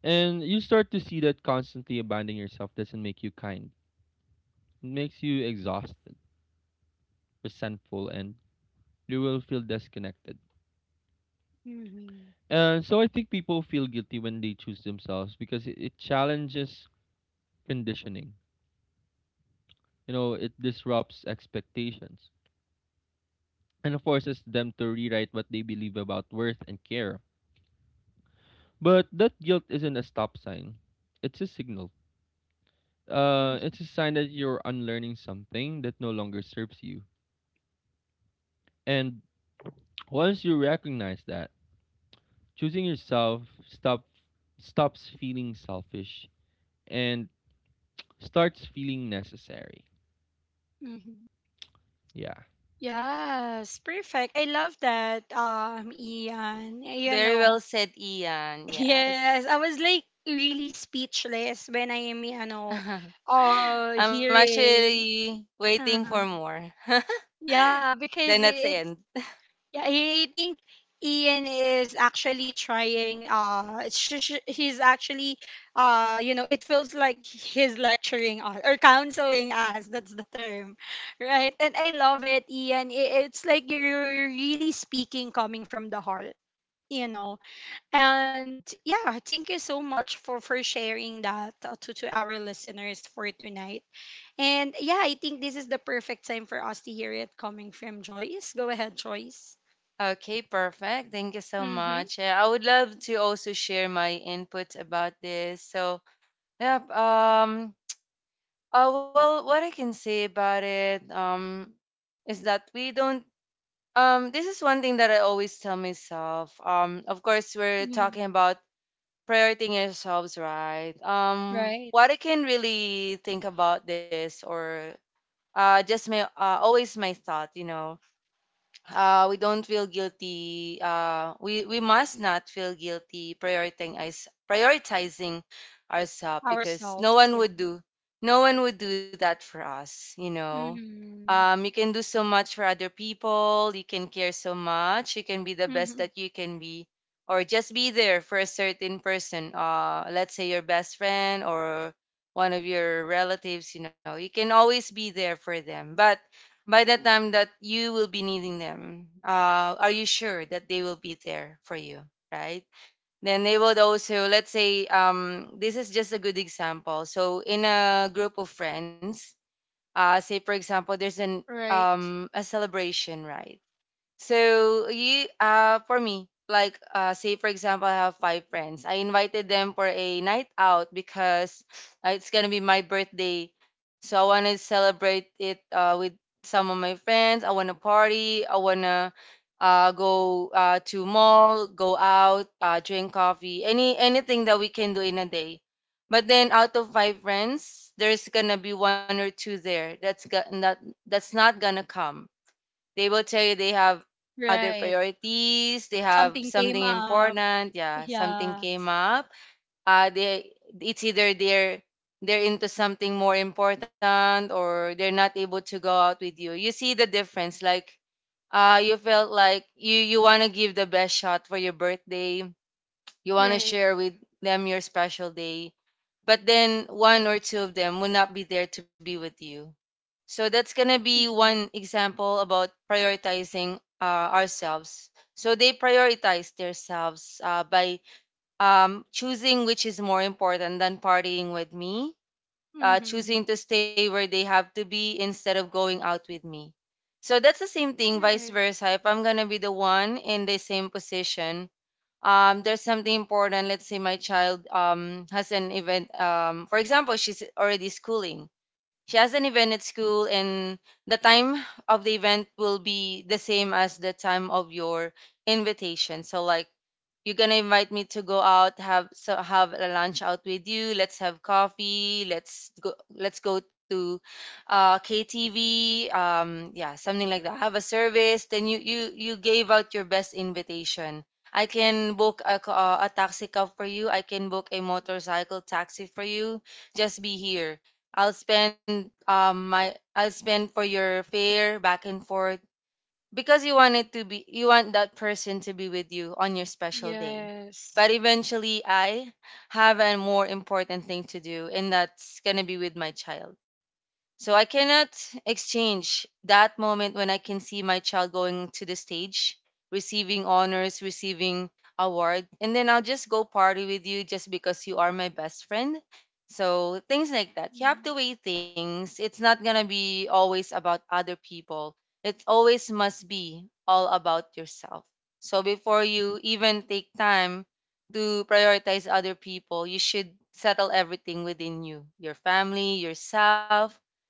B: And you start to see that constantly abandoning yourself doesn't make you kind. It makes you exhausted, resentful, and you will feel disconnected.
A: Mm-hmm.
B: And so I think people feel guilty when they choose themselves because it challenges conditioning. You know, it disrupts expectations and forces them to rewrite what they believe about worth and care. But that guilt isn't a stop sign, it's a signal.
A: Mm-hmm.
B: It's a sign that you're unlearning something that no longer serves you. And once you recognize that, choosing yourself stop stops feeling selfish and starts feeling necessary.
A: Mm-hmm.
B: Yeah.
A: Yes, perfect. I love that, Ian. You
C: Very
A: know,
C: well said, Ian.
A: yes,
C: Yes.
A: I was like really speechless when I am, you know,
C: I'm
A: hearing.
C: actually waiting for
A: Uh-huh.
C: more.
A: Yeah,
C: Then
A: because
C: that's the end.
A: yeah, I think Ian is actually trying. He's actually, you know, it feels like he's lecturing us or counseling us. That's the term, right? And I love it, Ian. It's like you're really speaking coming from the heart, you know. And yeah, thank you so much for sharing that to our listeners for tonight. And yeah, I think this is the perfect time for us to hear it coming from Joyce. Go ahead, Joyce.
C: Okay, perfect. Thank you so
A: Mm-hmm.
C: much. Yeah, I would love to also share my input about this. So, yep. Well, what I can say about it, is that we don't. This is one thing that I always tell myself. Of course, we're
A: Hmm.
C: talking about prioritizing yourselves, right?
A: Right.
C: What I can really think about this, or just my always my thought, you know, we don't feel guilty. We must not feel guilty prioritizing ourselves because
A: Ourselves, yeah.
C: no one would do that for us. You know,
A: Hmm.
C: you can do so much for other people. You can care so much. You can be the best
A: Hmm.
C: that you can be, or just be there for a certain person. Let's say your best friend or one of your relatives. You know, you can always be there for them, but by the time that you will be needing them, are you sure that they will be there for you, right? Then they would also, let's say, this is just a good example. So in a group of friends, say for example there's an,
A: Right.
C: a celebration, right? So you, for me, like, say for example I have five friends. I invited them for a night out because it's gonna be my birthday. So I wanna celebrate it with some of my friends. I wanna party, I wanna go to mall, go out, drink coffee, anything that we can do in a day. But then out of five friends, there's gonna be one or two there that's got that that's not gonna come. They will tell you they have other
A: Right.
C: priorities, they have
A: Something came
C: something
A: up.
C: important, yeah, something
A: Yeah.
C: came up. They it's either they're into something more important, or they're not able to go out with you. You see the difference. Like, you felt like you want to give the best shot for your birthday. You want to
A: Right.
C: share with them your special day. But then one or two of them will not be there to be with you. So that's gonna be
A: Mm-hmm.
C: one example about prioritizing, ourselves. So they prioritize themselves by, choosing which is more important than partying with me,
A: Mm-hmm.
C: choosing to stay where they have to be instead of going out with me. So that's the same thing, vice
A: Right.
C: versa. If I'm gonna be the one in the same position, there's something important. Let's say my child, has an event. For example, she's already schooling. She has an event at school, and the time of the event will be the same as the time of your invitation. So, like, you're gonna invite me to go out, have a lunch out with you. Let's have coffee. Let's go. Let's go to, KTV. Yeah, something like that. Have a service. Then you gave out your best invitation. I can book a, a taxi cab for you. I can book a motorcycle taxi for you. Just be here. I'll spend for your fare back and forth because you want that person to be with you on your special day.
A: Yes.
C: But eventually I have a more important thing to do, and that's going to be with my child. So I cannot exchange that moment when I can see my child going to the stage, receiving honors, receiving award, and then I'll just go party with you just because you are my best friend. So things like that. You have to weigh things. It's not gonna be always about other people. It always must be all about yourself. So before you even take time to prioritize other people, you should settle everything within you, your family, yourself.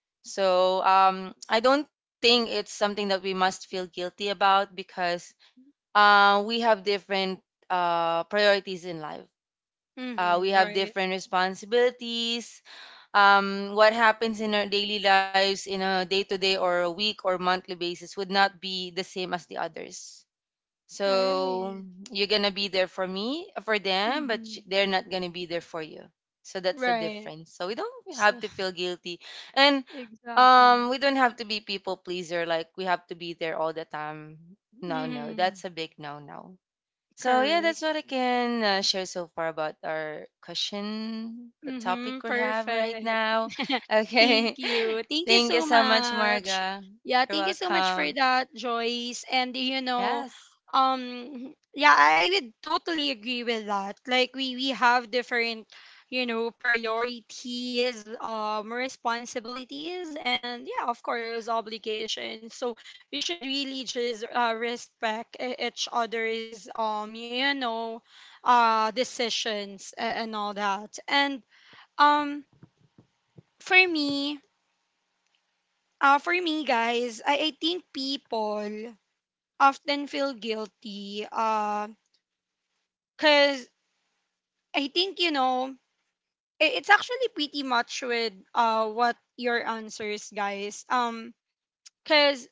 C: So, I don't think it's something that we must feel guilty about because, we have different, priorities in life. We
A: Mm-hmm.
C: have
A: Right.
C: different responsibilities. What happens in our daily lives in a day to day or a week or monthly basis would not be the same as the others.
A: Right.
C: So you're gonna be there for me, for them, but
A: Mm-hmm.
C: they're not gonna be there for you. So that's the
A: Right.
C: difference. So we don't
A: So,
C: have to feel guilty, and,
A: exactly.
C: we don't have to be people pleaser. Like we have to be there all the time. No, no,
A: Mm-hmm.
C: that's a big no, no. So yeah,
A: Correct.
C: that's what I can, share so far about our question, the topic
A: Mhm,
C: we have right
A: perfect.
C: now.
A: Thank
C: Okay,
A: you. Thank
C: thank
A: you
C: you so
A: so
C: much, Marga.
A: much.
C: You're
A: Yeah, thank you so much
C: welcome.
A: for that, Joyce. And you know,
C: Yes,
A: yeah, I would totally agree with that. Like we have different, you know, priorities, responsibilities, and yeah, of course, obligations. So we should really just respect each other's decisions and all that. And um, for me, for me, guys, I think people often feel guilty. Cause I think you know it's actually pretty much with what your answers, guys. 'Cause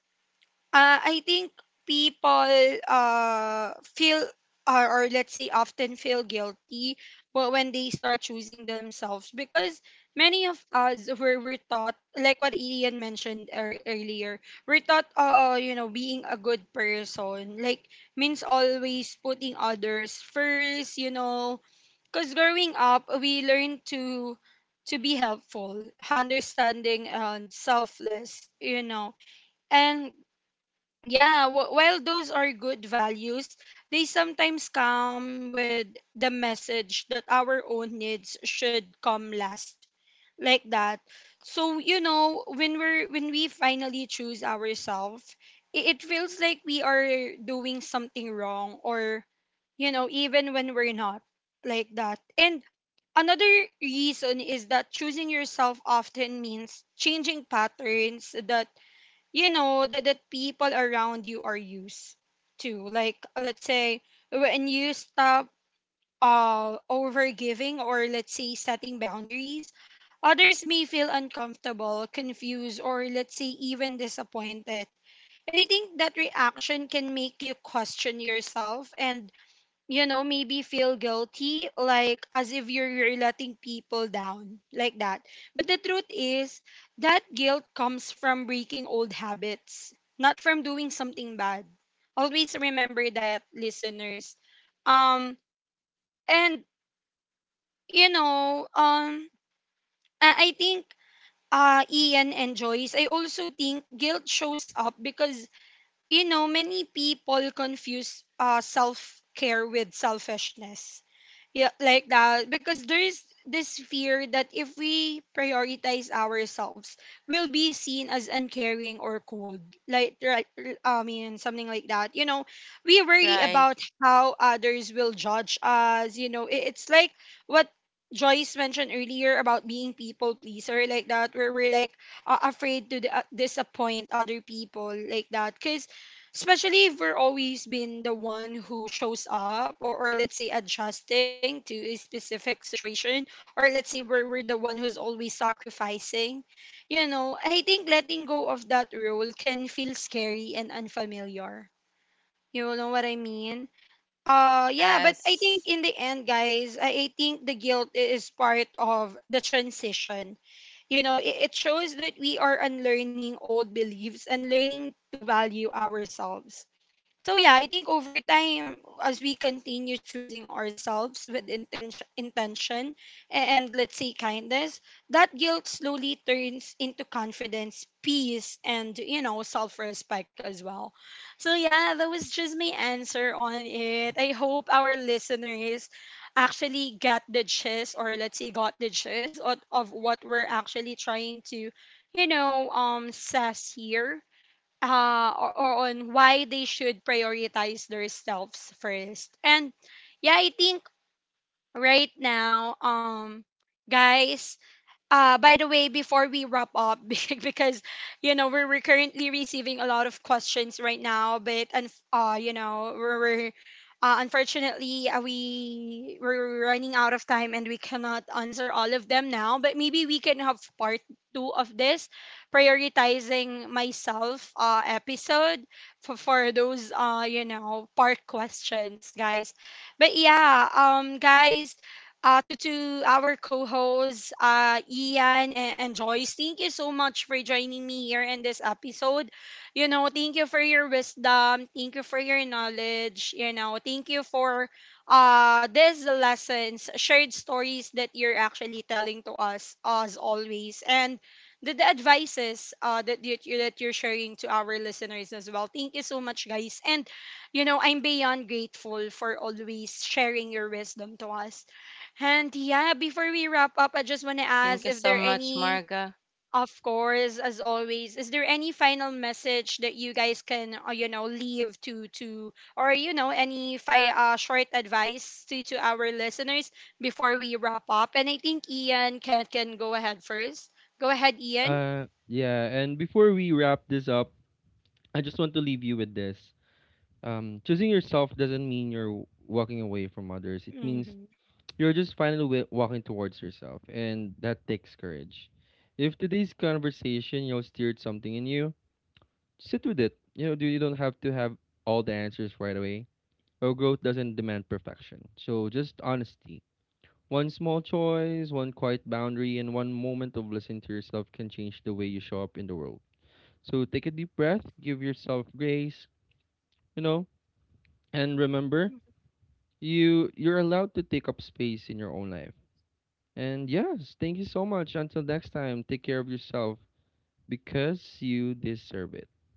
A: I think people feel or let's say often feel guilty when they start choosing themselves because many of us were taught like what Ian mentioned earlier. We're taught you know, being a good person like means always putting others first, you know, because growing up we learn to be helpful, understanding, and selfless, you know. And yeah, while those are good values, they sometimes come with the message that our own needs should come last, like that. So you know, when we finally choose ourselves, it feels like we are doing something wrong, or you know, even when we're not, like that. And another reason is that choosing yourself often means changing patterns that people around you are used to, like let's say when you stop over giving, or let's say setting boundaries, others may feel uncomfortable, confused, or let's say even disappointed. And I think that reaction can make you question yourself and, you know, maybe feel guilty, like as if you're letting people down, like that. But the truth is, that guilt comes from breaking old habits, not from doing something bad. Always remember that, listeners. Um, and, you know, I think Ian and Joyce, I also think guilt shows up because, you know, many people confuse self care with selfishness, yeah, like that, because there is this fear that if we prioritize ourselves, we'll be seen as uncaring or cold, like right, I mean something like that, you know. We worry
C: right.
A: about how others will judge us, you know. It's like what Joyce mentioned earlier about being people pleaser, like that, where we're like afraid to disappoint other people, like that, cuz especially if we're always been the one who shows up, or let's say adjusting to a specific situation, or let's say we're the one who's always sacrificing, you know. I think letting go of that role can feel scary and unfamiliar, you know what I mean. Yeah, but I think
C: Yes.
A: in the end, guys, I think the guilt is part of the transition, you know. It shows that we are unlearning old beliefs and learning to value ourselves. So yeah, I think over time, as we continue choosing ourselves with intention, intention and let's say kindness, that guilt slowly turns into confidence, peace, and, you know, self-respect as well. So yeah, that was just my answer on it. I hope our listeners actually got the gist, or let's say got the gist of what we're actually trying to, says here, or on why they should prioritize themselves first. And yeah, I think right now, guys, by the way, before we wrap up, because you know we're currently receiving a lot of questions right now, but and you know unfortunately, we we're running out of time and we cannot answer all of them now. But maybe we can have part two of this prioritizing myself episode for those part questions, guys. But yeah, guys. To our co-hosts, Ian and Joyce, thank you so much for joining me here in this episode. You know, thank you for your wisdom. Thank you for your knowledge. You know, thank you for these lessons, shared stories that you're actually telling to us as always. And the advices that you're sharing to our listeners as well. Thank you so much, guys. And you know, I'm beyond grateful for always sharing your wisdom to us. And yeah, before we wrap up, I just want to
C: Thank
A: ask
C: you
A: if
C: so
A: there
C: much,
A: any,
C: Marga.
A: of course, as always, is there any final message that you guys can, you know, leave to, or you know, any short advice to our listeners before we wrap up? And I think Ian can go ahead first. Go ahead, Ian.
B: Yeah, and before we wrap this up, I just want to leave you with this. Choosing yourself doesn't mean you're walking away from others. It means
A: Mm-hmm.
B: you're just finally walking towards yourself, and that takes courage. If today's conversation, you know, stirred something in you, sit with it. You know, do you don't have to have all the answers right away. Well, growth doesn't demand perfection, so just honesty. One small choice, one quiet boundary, and one moment of listening to yourself can change the way you show up in the world. So take a deep breath, give yourself grace, you know, and remember, you're allowed to take up space in your own life. And yes, thank you so much. Until next time, take care of yourself because you deserve it.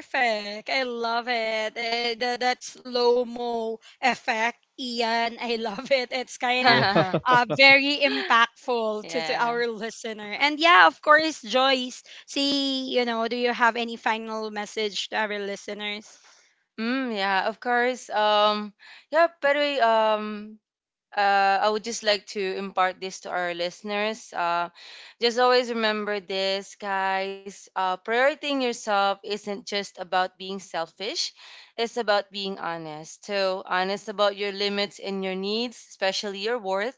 A: Perfect. I love it. Eh, that slow mo effect, Ian. I love it. It's kind of
B: Wow.
A: very impactful to
C: Yeah.
A: our listener. And yeah, of course, Joyce, see, you know, do you have any final message to our listeners?
C: Mm, yeah, of course. Yeah, by the way, I would just like to impart this to our listeners. Just always remember this, guys. Prioritizing yourself isn't just about being selfish, it's about being honest. So, honest about your limits and your needs, especially your worth.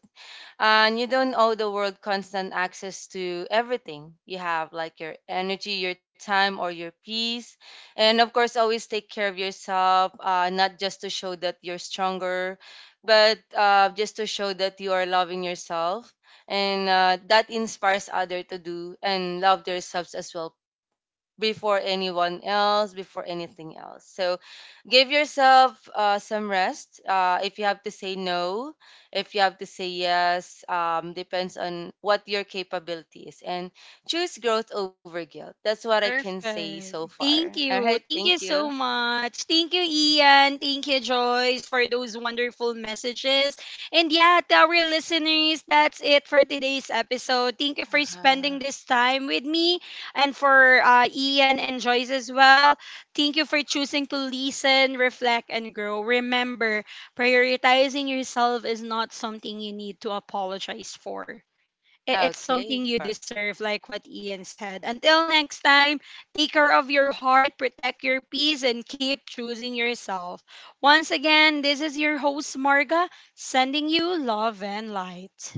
C: And you don't owe the world constant access to everything you have, like your energy, your time, or your peace. And of course, always take care of yourself, not just to show that you're stronger, but just to show that you are loving yourself, and that inspires other to do and love themselves as well, before anyone else, before anything else. So give yourself, some rest. If you have to say no, if you have to say yes, depends on what your capability is, and choose growth over guilt. That's what I can say so
A: Perfect.
C: far.
A: Thank
C: All right,
A: you.
C: thank
A: Thank you
C: you.
A: so much. Thank you, Ian. Thank you, Joyce, for those wonderful messages. And yeah, to our listeners, that's it for today's episode. Thank you for spending
C: uh
A: this time with me and for Ian and Joyce as well. Thank you for choosing to listen, reflect, and grow. Remember, prioritizing yourself is not something you need to apologize for. It's something you
C: okay.
A: deserve, like what Ian said. Until next time, take care of your heart, protect your peace, and keep choosing yourself. Once again, this is your host, Marga, sending you love and light.